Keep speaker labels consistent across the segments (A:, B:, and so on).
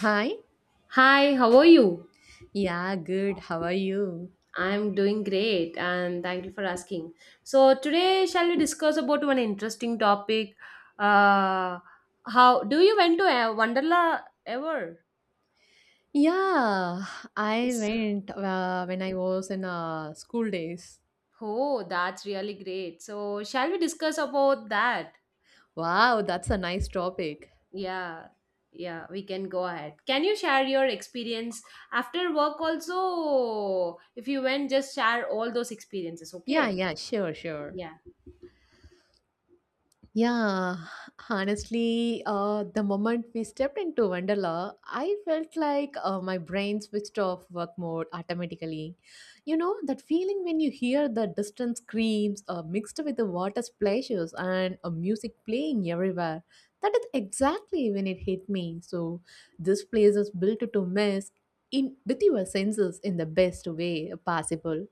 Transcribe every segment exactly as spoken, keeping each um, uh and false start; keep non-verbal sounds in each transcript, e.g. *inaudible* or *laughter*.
A: Hi.
B: Hi, how are you?
A: Yeah, good. How are you?
B: I'm doing great and thank you for asking. So, today shall we discuss about one interesting topic? Uh, how do you went to uh, Wonderla ever?
A: Yeah, I
B: Yes.
A: went uh, when I was in uh, school days.
B: Oh, that's really great. So, shall we discuss about that?
A: Wow, that's a nice topic.
B: Yeah, yeah, we can go ahead. Can you share your experience after work also? If you went, just share all those experiences,
A: Yeah,
B: okay?
A: yeah, sure, sure.
B: Yeah.
A: Yeah, honestly, uh, the moment we stepped into Wonderla, I felt like uh, my brain switched off work mode automatically. You know, that feeling when you hear the distant screams uh, mixed with the water splashes and uh, music playing everywhere. That is exactly when it hit me. So, this place is built to mess in with your senses in the best way possible.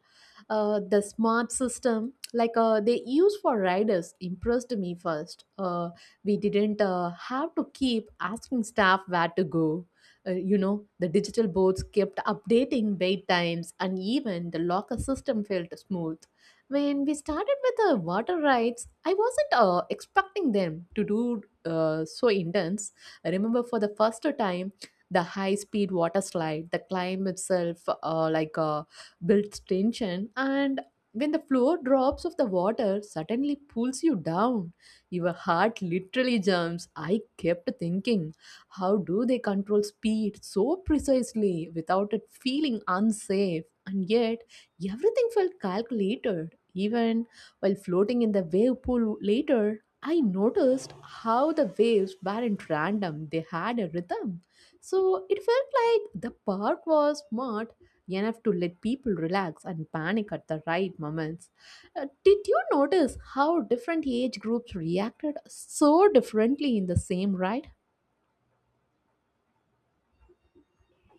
A: Uh, the smart system like uh, they use for riders impressed me first. Uh, we didn't uh, have to keep asking staff where to go. Uh, you know, the digital boards kept updating wait times, and even the locker system felt smooth. When we started with the water rides, I wasn't uh, expecting them to do uh, so intense. I remember, for the first time, the high speed water slide, the climb itself, uh, like uh, built tension, and when the floor drops of the water suddenly pulls you down, your heart literally jumps. I kept thinking, how do they control speed so precisely without it feeling unsafe? And yet, everything felt calculated. Even while floating in the wave pool later, I noticed how the waves weren't random, they had a rhythm. So it felt like the park was smart enough to let people relax and panic at the right moments. Uh, did you notice how different age groups reacted so differently in the same ride?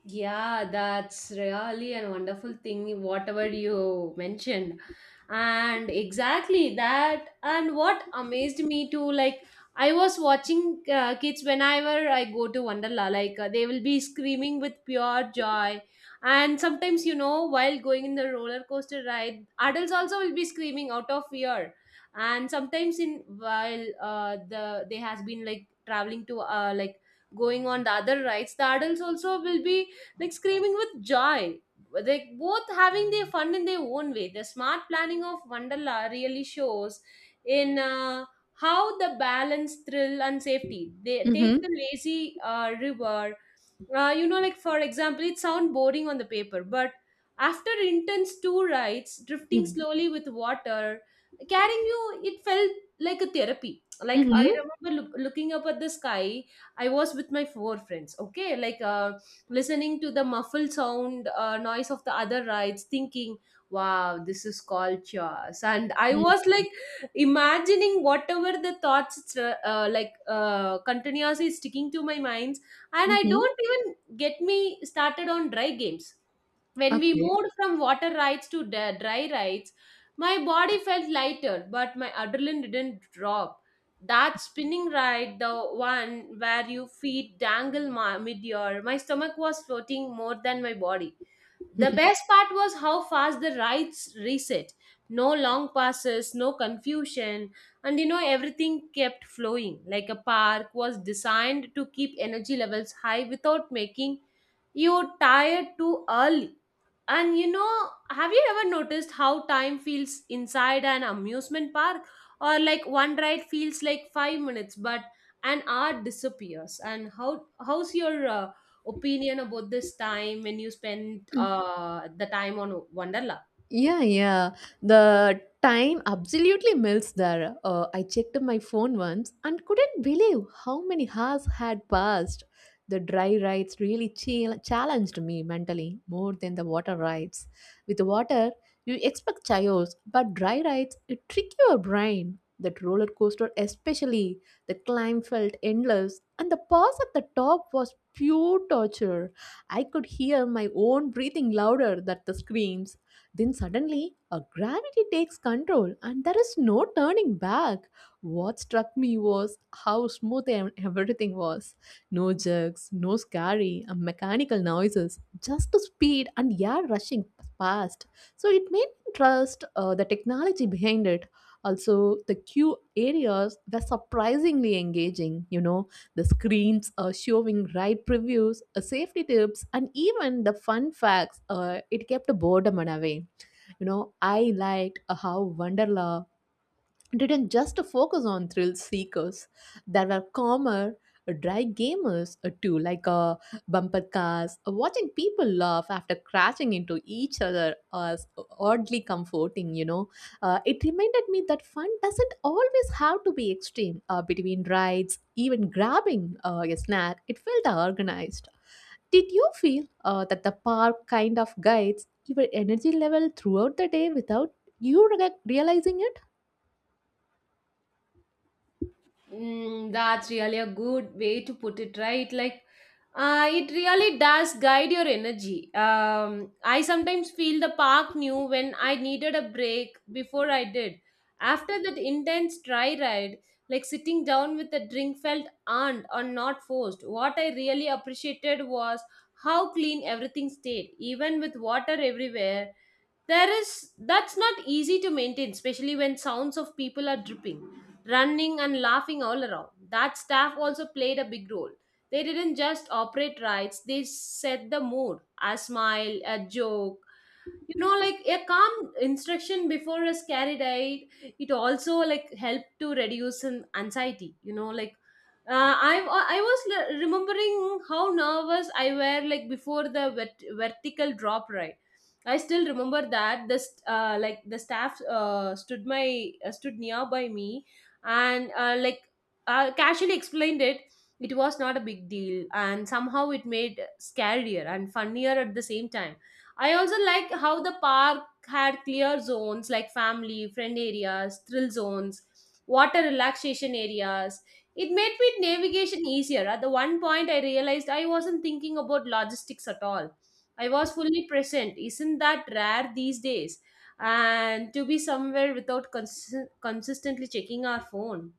B: Yeah, that's really a wonderful thing, whatever you mentioned. And exactly that. And what amazed me too, like, I was watching uh, kids whenever I go to Wonderla, like, uh, they will be screaming with pure joy. And sometimes, you know, while going in the roller coaster ride, adults also will be screaming out of fear. And sometimes, in while uh, the they has been like traveling to uh, like going on the other rides, the adults also will be like screaming with joy. Like both having their fun in their own way. The smart planning of Wonderla really shows in uh, how the balance thrill and safety. They take
A: Mm-hmm.
B: the lazy uh, river uh, you know, like for example, it sound boring on the paper, but after intense two rides, drifting
A: Mm-hmm.
B: slowly with water, carrying you, it felt like a therapy. Like I remember look, looking up at the sky, I was with my four friends. Okay, like uh, listening to the muffled sound uh, noise of the other rides, thinking, "Wow, this is culture. And I was
A: Mm-hmm.
B: like imagining whatever the thoughts uh, like uh, continuously sticking to my mind, and I
A: Mm-hmm.
B: don't even get me started on dry games. When we
A: Okay.
B: moved from water rides to da- dry rides, my body felt lighter but my adrenaline didn't drop. That spinning ride, the one where your feet dangle ma- mid-air, my stomach was floating more than my body. The best part was how fast the rides reset. No long passes, no confusion, and you know, everything kept flowing. Like a park was designed to keep energy levels high without making you tired too early. And you know, have you ever noticed how time feels inside an amusement park? Or like one ride feels like five minutes, but an hour disappears. And how how's your uh, opinion about this time when you spend uh, the time on Wonderla?
A: Yeah, yeah. The time absolutely melts there. Uh, I checked my phone once and couldn't believe how many hours had passed. The dry rides really chal- challenged me mentally more than the water rides. With water, you expect chaos, but dry rides, it trick your brain. That roller coaster, especially, the climb felt endless, and the pause at the top was pure torture. I could hear my own breathing louder than the screams. Then suddenly, a gravity takes control and there is no turning back. What struck me was how smooth ev- everything was. No jerks, no scary, and mechanical noises, just the speed and air rushing past. So it made me trust uh, the technology behind it. Also, the queue areas were surprisingly engaging. You know, the screens uh, showing ride previews, uh, safety tips, and even the fun facts. Uh, it kept boredom away. You know, I liked uh, how Wonderla didn't just focus on thrill seekers. There were calmer, uh, dry gamers uh, too, like uh, bumper cars. Uh, watching people laugh after crashing into each other was oddly comforting, you know. Uh, it reminded me that fun doesn't always have to be extreme. Uh, between rides, even grabbing uh, a snack, it felt organized. Did you feel uh, that the park kind of guides your energy level throughout the day without you re- realizing it?
B: Mm, that's really a good way to put it, right? Like, uh, it really does guide your energy. Um, I sometimes feel the park knew when I needed a break before I did. After that intense dry ride, like sitting down with a drink felt earned or not forced. What I really appreciated was how clean everything stayed, even with water everywhere. There is that's not easy to maintain, especially when sounds of people are dripping, running and laughing all around. That staff also played a big role. They didn't just operate rides, they set the mood. A smile, a joke, you know, like a calm instruction before a scary ride, it also like helped to reduce some anxiety, you know, like uh, I, I was le- remembering how nervous I were like before the vert- vertical drop ride. I still remember that the st- uh, like the staff uh, stood my uh, stood nearby me, and uh, like uh, casually explained it. It was not a big deal, and somehow it made scarier and funnier at the same time. I also like how the park had clear zones like family, friend areas, thrill zones, water relaxation areas. It made me navigation easier. At the one point, I realized I wasn't thinking about logistics at all. I was fully present. Isn't that rare these days? And to be somewhere without cons- consistently checking our phone.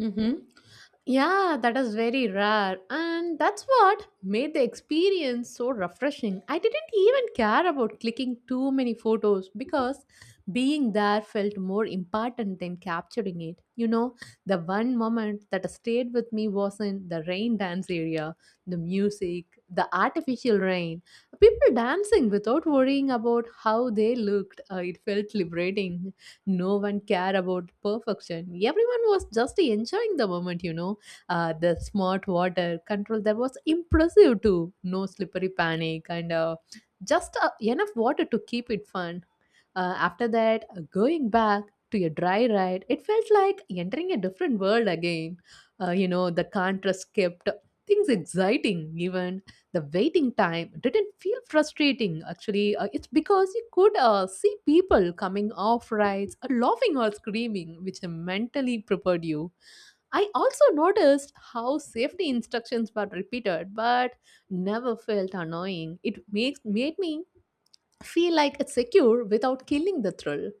A: Mm-hmm. Yeah, that is very rare. And that's what made the experience so refreshing. I didn't even care about clicking too many photos because being there felt more important than capturing it. You know, the one moment that stayed with me was in the rain dance area, the music, the artificial rain, people dancing without worrying about how they looked. Uh, it felt liberating. No one cared about perfection, everyone was just enjoying the moment, you know. Uh, the smart water control, that was impressive too. No slippery panic, and uh, just uh, enough water to keep it fun. Uh, after that, uh, going back to a dry ride, it felt like entering a different world again. Uh, you know, the contrast kept things exciting. Even the waiting time didn't feel frustrating, actually, uh, it's because you could uh, see people coming off rides uh, laughing or screaming, which mentally prepared you. I also noticed how safety instructions were repeated but never felt annoying. It makes made me feel like it's secure without killing the thrill.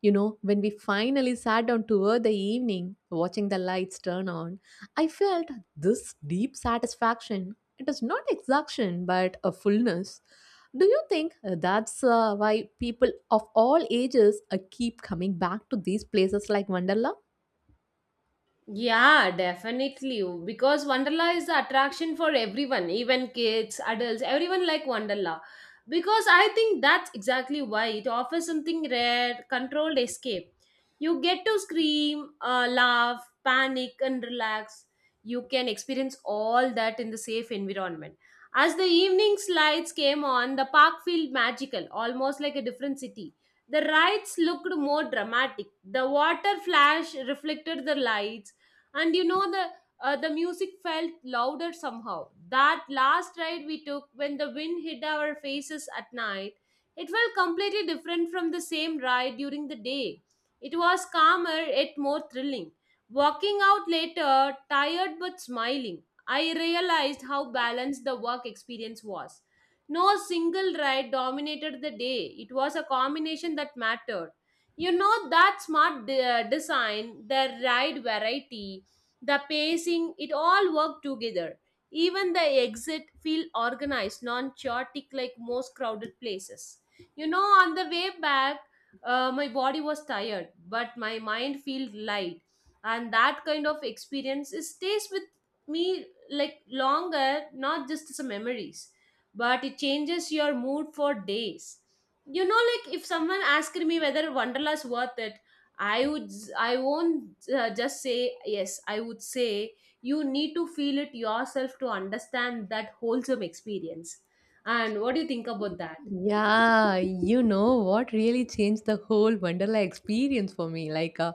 A: You know, when we finally sat down toward the evening, watching the lights turn on, I felt this deep satisfaction. It is not exhaustion, but a fullness. Do you think uh, that's uh, why people of all ages uh, keep coming back to these places like Wonderla?
B: Yeah, definitely. Because Wonderla is the attraction for everyone, even kids, adults, everyone like Wonderla. Because I think that's exactly why it offers something rare, controlled escape. You get to scream, uh, laugh, panic, and relax. You can experience all that in the safe environment. As the evening's lights came on, the park felt magical, almost like a different city. The rides looked more dramatic. The water flash reflected the lights, and you know, the uh, the music felt louder somehow. That last ride we took, when the wind hit our faces at night, it felt completely different from the same ride during the day. It was calmer yet more thrilling. Walking out later, tired but smiling, I realized how balanced the work experience was. No single ride dominated the day. It was a combination that mattered. You know that smart de- design, the ride variety, the pacing, it all worked together. Even the exit feel organized, non-chaotic like most crowded places. You know, on the way back, uh, my body was tired, but my mind felt light, and that kind of experience it stays with me like longer, not just as a memories, but it changes your mood for days. You know, like if someone asked me whether Wonderla's worth it, I would I won't uh, just say yes. I would say you need to feel it yourself to understand that wholesome experience. And what do you think about that?
A: Yeah, you know what really changed the whole Wonderla experience for me. Like, uh,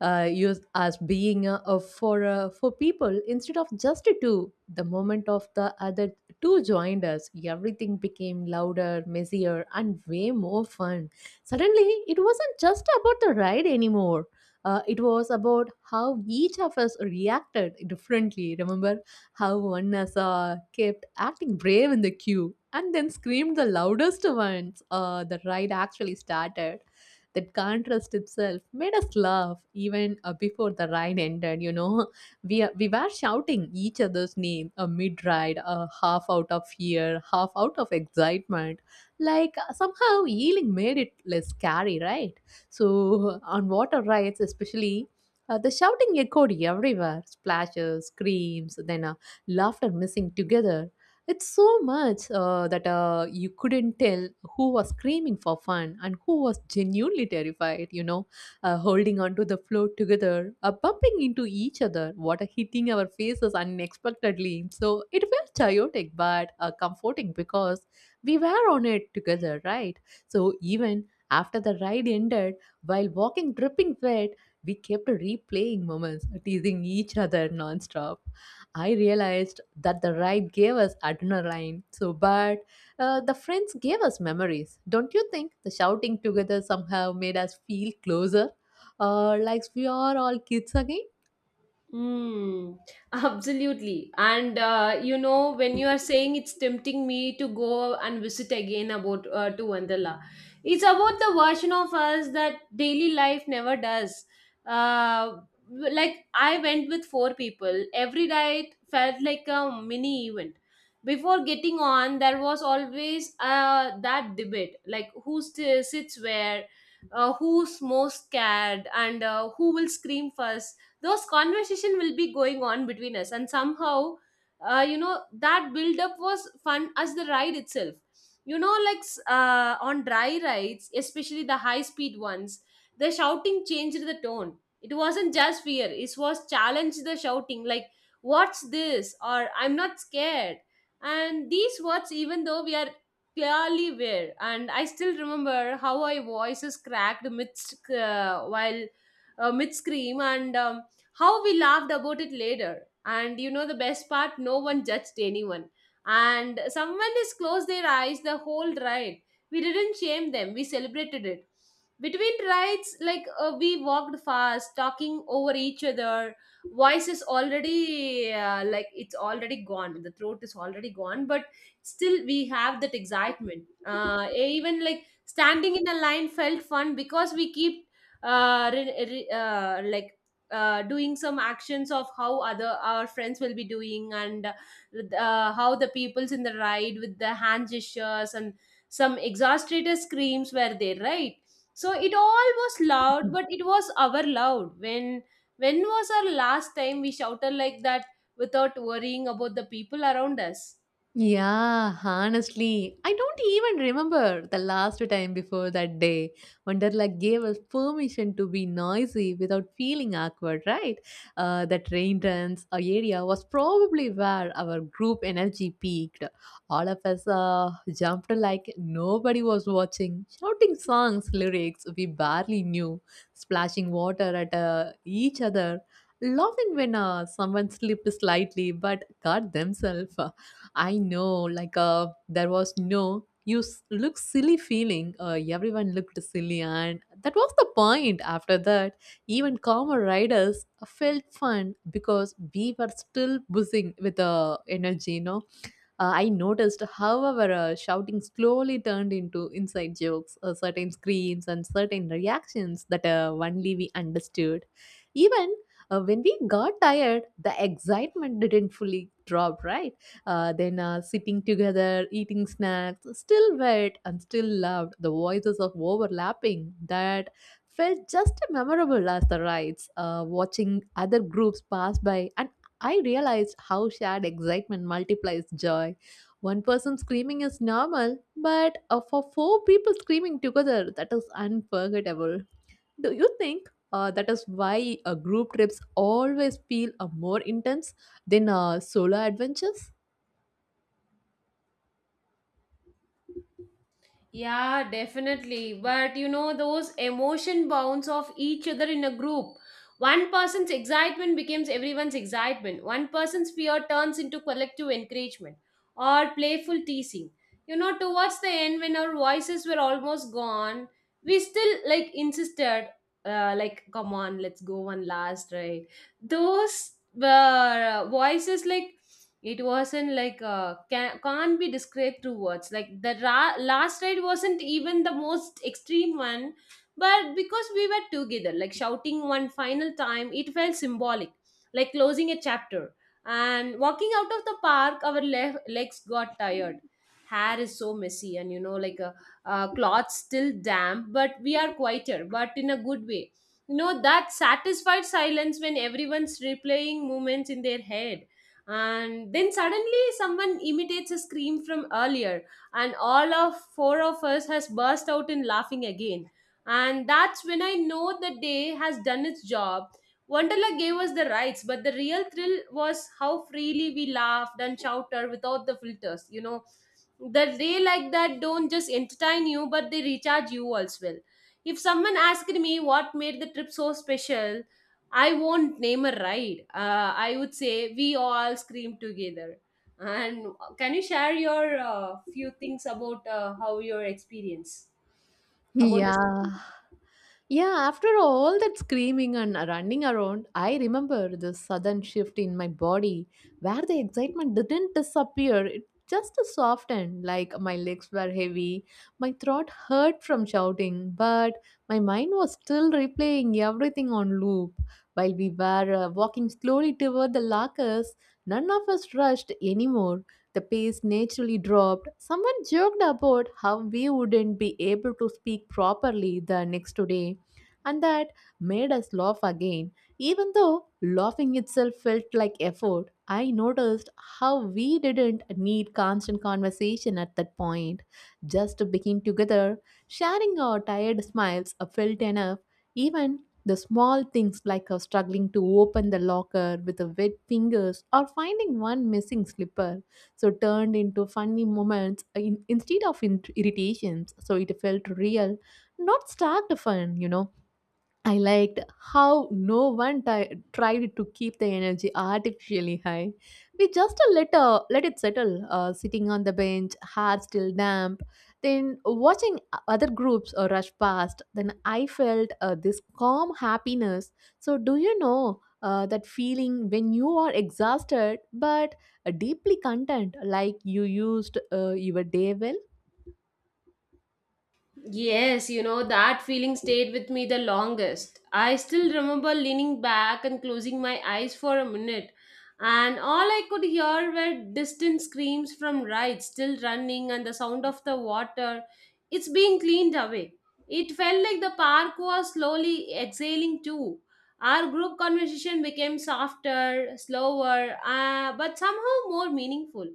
A: uh, you as being uh, uh, for uh, for people instead of just two. The moment of the other two joined us, everything became louder, messier, and way more fun. Suddenly, it wasn't just about the ride anymore. Uh, it was about how each of us reacted differently. Remember how one has uh, kept acting brave in the queue and then screamed the loudest once uh, the ride actually started. That contrast itself made us laugh even uh, before the ride ended. You know, *laughs* we uh, we were shouting each other's name uh, mid ride, uh, half out of fear, half out of excitement. Like uh, somehow yelling made it less scary, right? So *laughs* on water rides, especially, uh, the shouting echoed everywhere, splashes, screams, then a laughter missing together. It's so much uh, that uh, you couldn't tell who was screaming for fun and who was genuinely terrified, you know, uh, holding onto the floor together, uh, bumping into each other, water hitting our faces unexpectedly. So it felt chaotic but uh, comforting because we were on it together, right? So even after the ride ended, while walking dripping wet, we kept replaying moments, teasing each other nonstop. I realized that the ride gave us adrenaline, so but uh, the friends gave us memories. Don't you think the shouting together somehow made us feel closer, uh, like we are all kids again?
B: Mm, *laughs* absolutely. And uh, you know, when you are saying it's tempting me to go and visit again about uh, to Wonderla, it's about the version of us that daily life never does. Uh, like I went with four people. Every night felt like a mini event. Before getting on, there was always uh, that debate, like who st- sits where, uh, who's most scared, and uh, who will scream first. Those conversation will be going on between us, and somehow uh, you know, that build up was fun as the ride itself. You know, like s- uh, on dry rides, especially the high speed ones, the shouting changed the tone. It wasn't just fear, it was challenge. The shouting like what's this or I'm not scared, and these words, even though we are clearly were, and I still remember how our voices cracked amidst uh, while uh, mid scream, and um, how we laughed about it later. And you know the best part, no one judged anyone. And someone has closed their eyes the whole ride. We didn't shame them, we celebrated it. Between rides, like uh, we walked fast, talking over each other. Voice is already uh, like it's already gone. The throat is already gone, but still we have that excitement. Uh, even like standing in a line felt fun because we keep uh, re- re- uh, like uh, doing some actions of how other our friends will be doing, and uh, how the peoples in the ride with the hand gestures and some exasperated screams were there, right? So it all was loud, but it was our loud. When when was our last time we shouted like that without worrying about the people around us?
A: Yeah, honestly, I don't even remember the last time before that day when Derla gave us permission to be noisy without feeling awkward, right? Uh, that rain dance uh, area was probably where our group energy peaked. All of us uh, jumped like nobody was watching, shouting songs, lyrics we barely knew, splashing water at uh, each other, laughing when uh, someone slipped slightly but got themselves. uh, I know, like, uh, there was no you s- look silly feeling. Uh, everyone looked silly, and that was the point. After that, even calmer riders felt fun because we were still buzzing with the energy, you know. Uh, I noticed, however, uh, shouting slowly turned into inside jokes, uh, certain screams, and certain reactions that uh, only we understood. Even uh, when we got tired, the excitement didn't fully drop, right? Uh, then uh, sitting together, eating snacks, still wet and still loved, the voices of overlapping that felt just as memorable as the rides. Uh, watching other groups pass by, I realized how shared excitement multiplies joy. One person screaming is normal, but uh, for four people screaming together, that is unforgettable. Do you think uh, that is why uh, group trips always feel uh, more intense than uh, solo adventures?
B: Yeah, definitely. But you know, those emotion bounce off each other in a group. One person's excitement becomes everyone's excitement. One person's fear turns into collective encouragement or playful teasing. You know, towards the end, when our voices were almost gone, we still like insisted, uh, like, come on, let's go one last right." Those uh, voices like it wasn't like uh, can, can't be described through words. Like the ra- last ride wasn't even the most extreme one, but because we were together like shouting one final time, it felt symbolic, like closing a chapter. And walking out of the park, our le- legs got tired, hair is so messy, and you know, like a, uh cloth still damp, but we are quieter but in a good way. You know that satisfied silence when everyone's replaying moments in their head, and then suddenly someone imitates a scream from earlier, and all of four of us has burst out in laughing again. And that's when I know the day has done its job. Wonderla gave us the rights, but the real thrill was how freely we laughed and shouted without the filters, you know. The day like that don't just entertain you, but they recharge you as well. If someone asked me what made the trip so special, I won't name a ride. uh, I would say we all screamed together. And can you share your uh, few things about uh, how your experience about this?
A: Yeah. Yeah, after all that screaming and running around, I remember the sudden shift in my body where the excitement didn't disappear. It just softened, like my legs were heavy, my throat hurt from shouting, but my mind was still replaying everything on loop. While we were uh, walking slowly toward the lockers, none of us rushed anymore. The pace naturally dropped. Someone joked about how we wouldn't be able to speak properly the next day, and that made us laugh again. Even though laughing itself felt like effort, I noticed how we didn't need constant conversation at that point. Just being together, sharing our tired smiles felt enough. Even the small things like uh, struggling to open the locker with a wet fingers or finding one missing slipper so turned into funny moments, in, instead of in- irritations, so it felt real, not starved fun, you know. I liked how no one ti- tried to keep the energy artificially high. We just let, uh, let it settle, uh, sitting on the bench, hair still damp, then watching other groups uh, rush past. Then I felt uh, this calm happiness. So, do you know uh, that feeling when you are exhausted but uh, deeply content, like you used uh, your day well?
B: Yes, you know, that feeling stayed with me the longest. I still remember leaning back and closing my eyes for a minute, and all I could hear were distant screams from rides still running and the sound of the water. It's being cleaned away. It felt like the park was slowly exhaling too. Our group conversation became softer, slower, uh, but somehow more meaningful.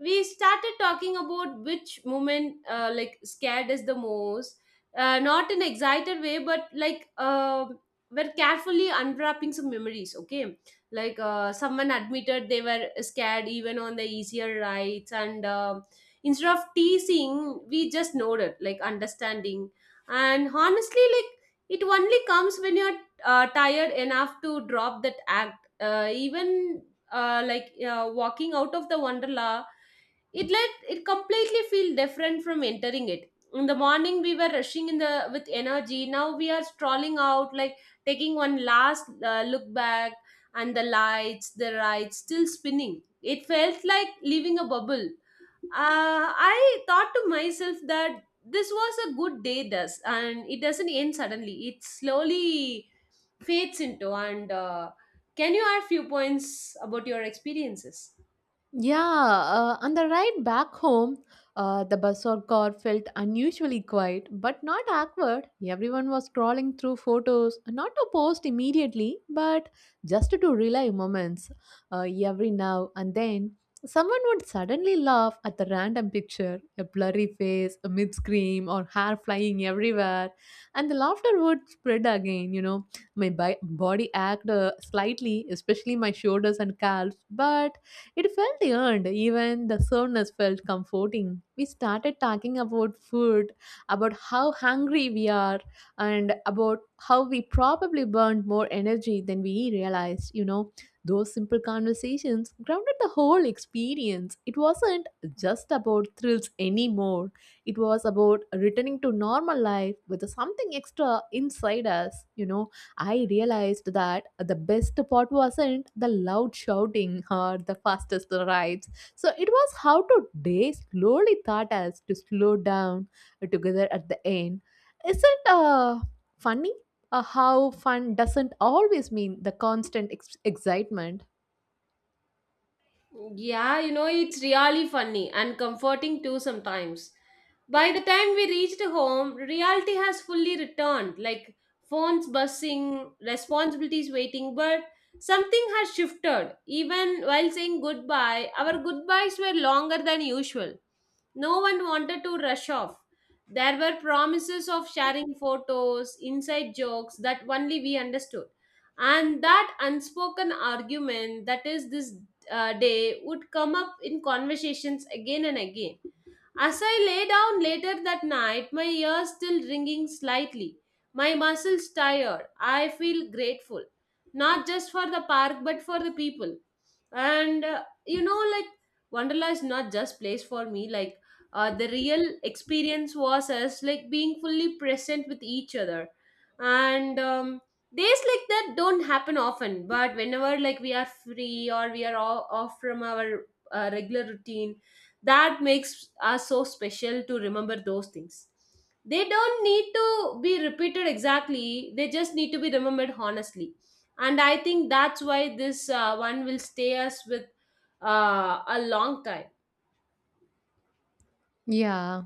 B: We started talking about which moment uh, like scared us the most, uh, not in excited way, but like uh, we're carefully unwrapping some memories. Okay, like uh, someone admitted they were scared even on the easier rides, and uh, instead of teasing we just nodded like understanding. And honestly, like, it only comes when you're uh, tired enough to drop that act, uh, even uh, like uh, walking out of the Wonderla, it let it completely feel different from entering it in the morning. We were rushing in the with energy, now we are strolling out, like taking one last uh, look back. And the lights, the rides still spinning, it felt like leaving a bubble. uh, I thought to myself that this was a good day, thus and it doesn't end suddenly, it slowly fades into. And uh, can you add few points about your experiences?
A: Yeah, uh, on the ride back home, uh, the bus or car felt unusually quiet, but not awkward. Everyone was scrolling through photos, not to post immediately, but just to relay moments. Uh, every now and then, someone would suddenly laugh at the random picture, a blurry face, a mid scream, or hair flying everywhere. And the laughter would spread again, you know. My bi- body acted uh, slightly, especially my shoulders and calves, but it felt earned, even the soreness felt comforting. We started talking about food, about how hungry we are, and about how we probably burned more energy than we realized. You know, those simple conversations grounded the whole experience. It wasn't just about thrills anymore, it was about returning to normal life with something extra inside us. You know, I realized that the best part wasn't the loud shouting or the fastest rides. So it was how to day slowly taught us to slow down together at the end. Isn't uh funny uh, how fun doesn't always mean the constant ex- excitement?
B: Yeah, you know, it's really funny and comforting too sometimes. By the time we reached home, reality has fully returned, like phones buzzing, responsibilities waiting, but something has shifted. Even while saying goodbye, our goodbyes were longer than usual. No one wanted to rush off. There were promises of sharing photos, inside jokes that only we understood. And that unspoken argument that is this uh, day would come up in conversations again and again. As I lay down later that night, my ears still ringing slightly, my muscles tired. I feel grateful, not just for the park but for the people. And uh, you know, like, Wonderla is not just place for me. Like, uh, the real experience was us like being fully present with each other, and um, days like that don't happen often. But whenever, like, we are free or we are all off from our uh, regular routine, that makes us so special to remember those things. They don't need to be repeated exactly, they just need to be remembered honestly. And I think that's why this uh, one will stay us with uh, a long time.
A: Yeah.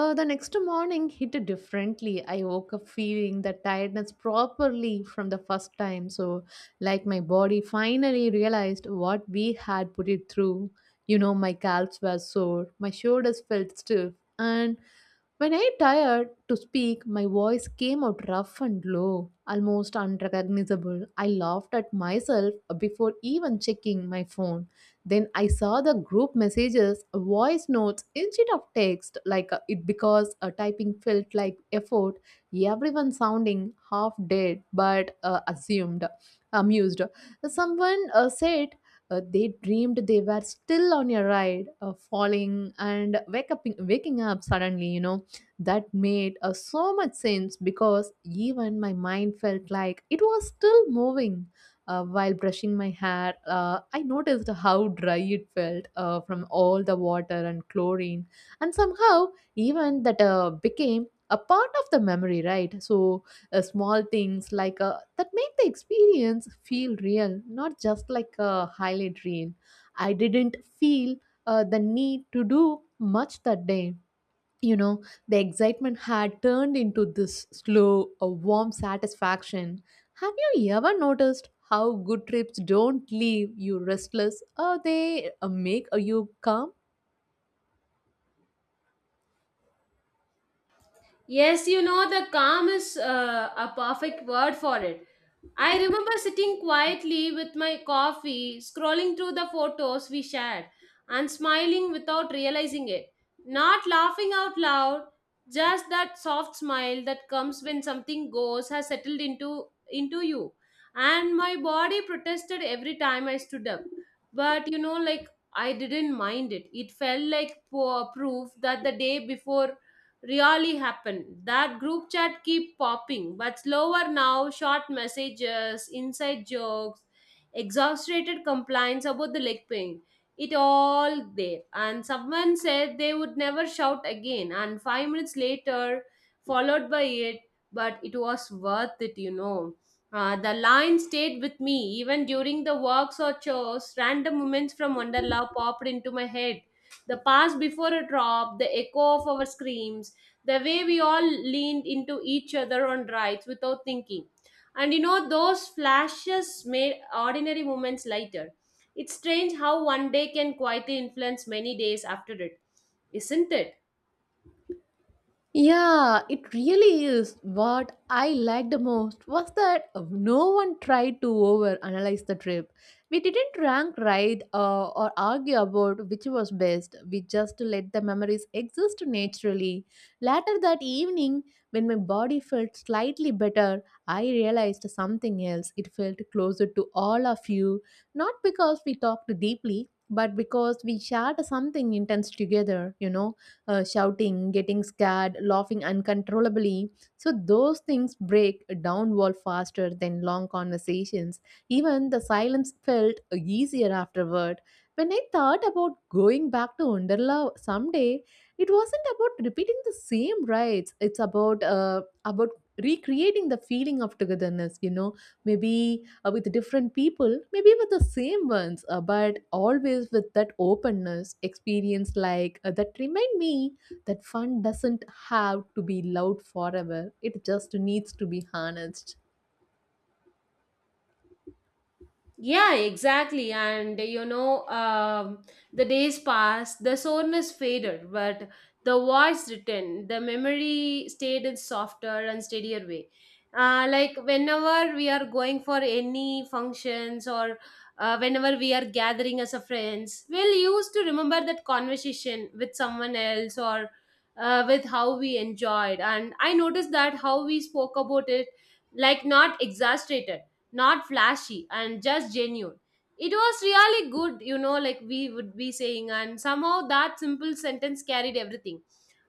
A: Uh, the next morning hit differently. I woke up feeling the tiredness properly from the first time. So, like my body finally realized what we had put it through. You know, my calves were sore, my shoulders felt stiff, and when I tired to speak, my voice came out rough and low, almost unrecognizable. I laughed at myself before even checking my phone. Then I saw the group messages, voice notes instead of text, like uh, it because uh, typing felt like effort, everyone sounding half dead but uh, assumed amused. Someone uh, said, uh, they dreamed they were still on your ride, uh, falling and wake up, waking up suddenly, you know that made uh, so much sense because even my mind felt like it was still moving. Uh, while brushing my hair, uh, I noticed how dry it felt uh, from all the water and chlorine, and somehow even that uh, became a part of the memory, right? So uh, small things like uh, that make the experience feel real, not just like a highlight reel. I didn't feel uh, the need to do much that day, you know. The excitement had turned into this slow a warm satisfaction. Have you ever noticed how good trips don't leave you restless, or they uh, make you calm?
B: Yes, you know, the calm is uh, a perfect word for it. I remember sitting quietly with my coffee, scrolling through the photos we shared, and smiling without realizing it. Not laughing out loud, just that soft smile that comes when something goes has settled into, into you. And my body protested every time I stood up. But, you know, like, I didn't mind it. It felt like po- proof that the day before really happened. That group chat keep popping, but slower now, short messages, inside jokes, exaggerated complaints about the leg pain. It all there. And someone said they would never shout again. And five minutes later, followed by it, but it was worth it, you know. Uh, the line stayed with me even during the works or chores. Random moments from Wonderla popped into my head. The pass before a drop, the echo of our screams, the way we all leaned into each other on rides without thinking. And you know, those flashes made ordinary moments lighter. It's strange how one day can quietly influence many days after it, isn't it?
A: Yeah, it really is. What I liked the most was that no one tried to overanalyze the trip. We didn't rank right uh, or argue about which was best. We just let the memories exist naturally. Later that evening, when my body felt slightly better, I realized something else. It felt closer to all of you, not because we talked deeply, but because we shared something intense together, you know, uh, shouting, getting scared, laughing uncontrollably. So those things break down wall faster than long conversations. Even the silence felt easier afterward. When I thought about going back to Wonderla someday, it wasn't about repeating the same rites. It's about uh, about recreating the feeling of togetherness. You know, maybe uh, with different people, maybe with the same ones, uh, but always with that openness experience like uh, that remind me that fun doesn't have to be loud forever. It just needs to be harnessed.
B: Yeah, exactly. And you know, um, the days passed, the soreness faded, but the voice returned. The memory stayed in softer and steadier way. Uh, like whenever we are going for any functions, or uh, whenever we are gathering as a friends, we'll used to remember that conversation with someone else, or uh, with how we enjoyed. And I noticed that how we spoke about it, like not exaggerated, not flashy, and just genuine. It was really good, you know, like, we would be saying, and somehow that simple sentence carried everything.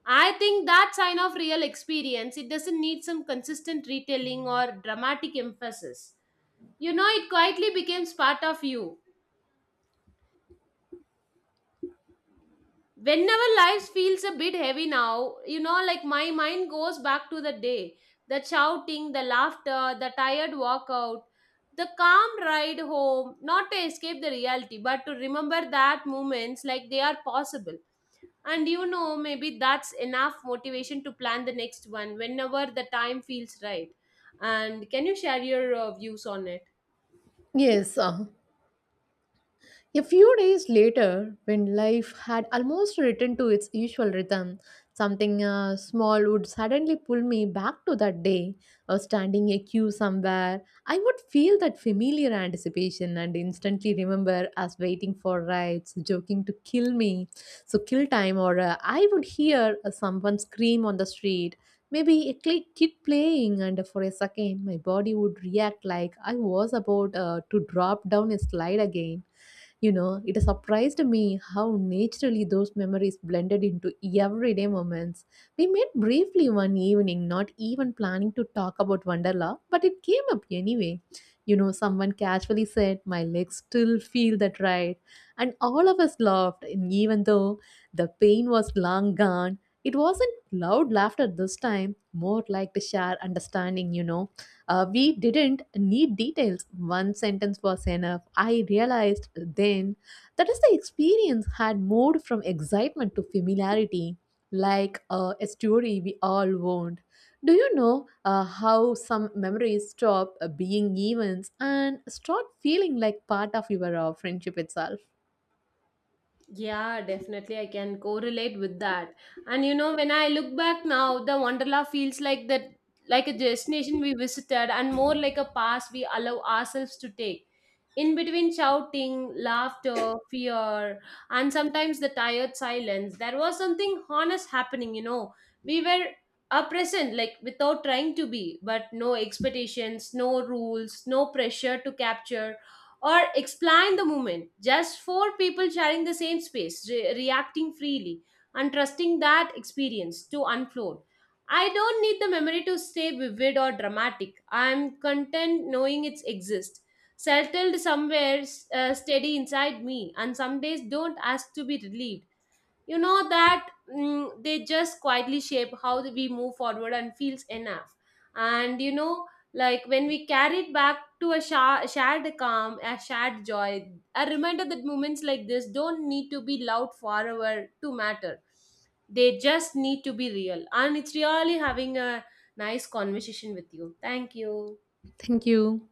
B: I think that sign of real experience, it doesn't need some consistent retelling or dramatic emphasis. You know, it quietly becomes part of you. Whenever life feels a bit heavy now, you know, like, my mind goes back to the day, the shouting, the laughter, the tired walkout, the calm ride home, not to escape the reality, but to remember that moments like they are possible. And you know, maybe that's enough motivation to plan the next one whenever the time feels right. And can you share your uh, views on it?
A: Yes, uh, a few days later, when life had almost returned to its usual rhythm, something uh, small would suddenly pull me back to that day or standing a queue somewhere. I would feel that familiar anticipation and instantly remember us waiting for rides, joking to kill me, so kill time, or uh, I would hear uh, someone scream on the street. Maybe a cli- kid playing, and for a second, my body would react like I was about uh, to drop down a slide again. You know, it surprised me how naturally those memories blended into everyday moments. We met briefly one evening, not even planning to talk about Wonderla, but it came up anyway. You know, someone casually said, "My legs still feel that right." And all of us laughed, and even though the pain was long gone, it wasn't loud laughter this time, more like the shared understanding. You know, uh, we didn't need details. One sentence was enough. I realized then that as the experience had moved from excitement to familiarity, like uh, a story we all owned. Do you know uh, how some memories stop uh, being events and start feeling like part of your uh, friendship itself?
B: Yeah, definitely. I can correlate with that. And you know, when I look back now, the Wonderla feels like that, like a destination we visited, and more like a pass we allow ourselves to take. In between shouting, laughter, fear, and sometimes the tired silence, there was something honest happening, you know. We were a present, like without trying to be, but no expectations, no rules, no pressure to capture or explain the moment. Just four people sharing the same space, re- reacting freely, and trusting that experience to unfold. I don't need the memory to stay vivid or dramatic. I'm content knowing it exists, settled somewhere, uh, steady inside me. And some days don't ask to be relieved, you know that. Mm, they just quietly shape how we move forward and feels enough. And you know, like, when we carry it back to a sha- shared calm, a shared joy, a reminder that moments like this don't need to be loud forever to matter. They just need to be real. And it's really having a nice conversation with you. Thank you.
A: Thank you.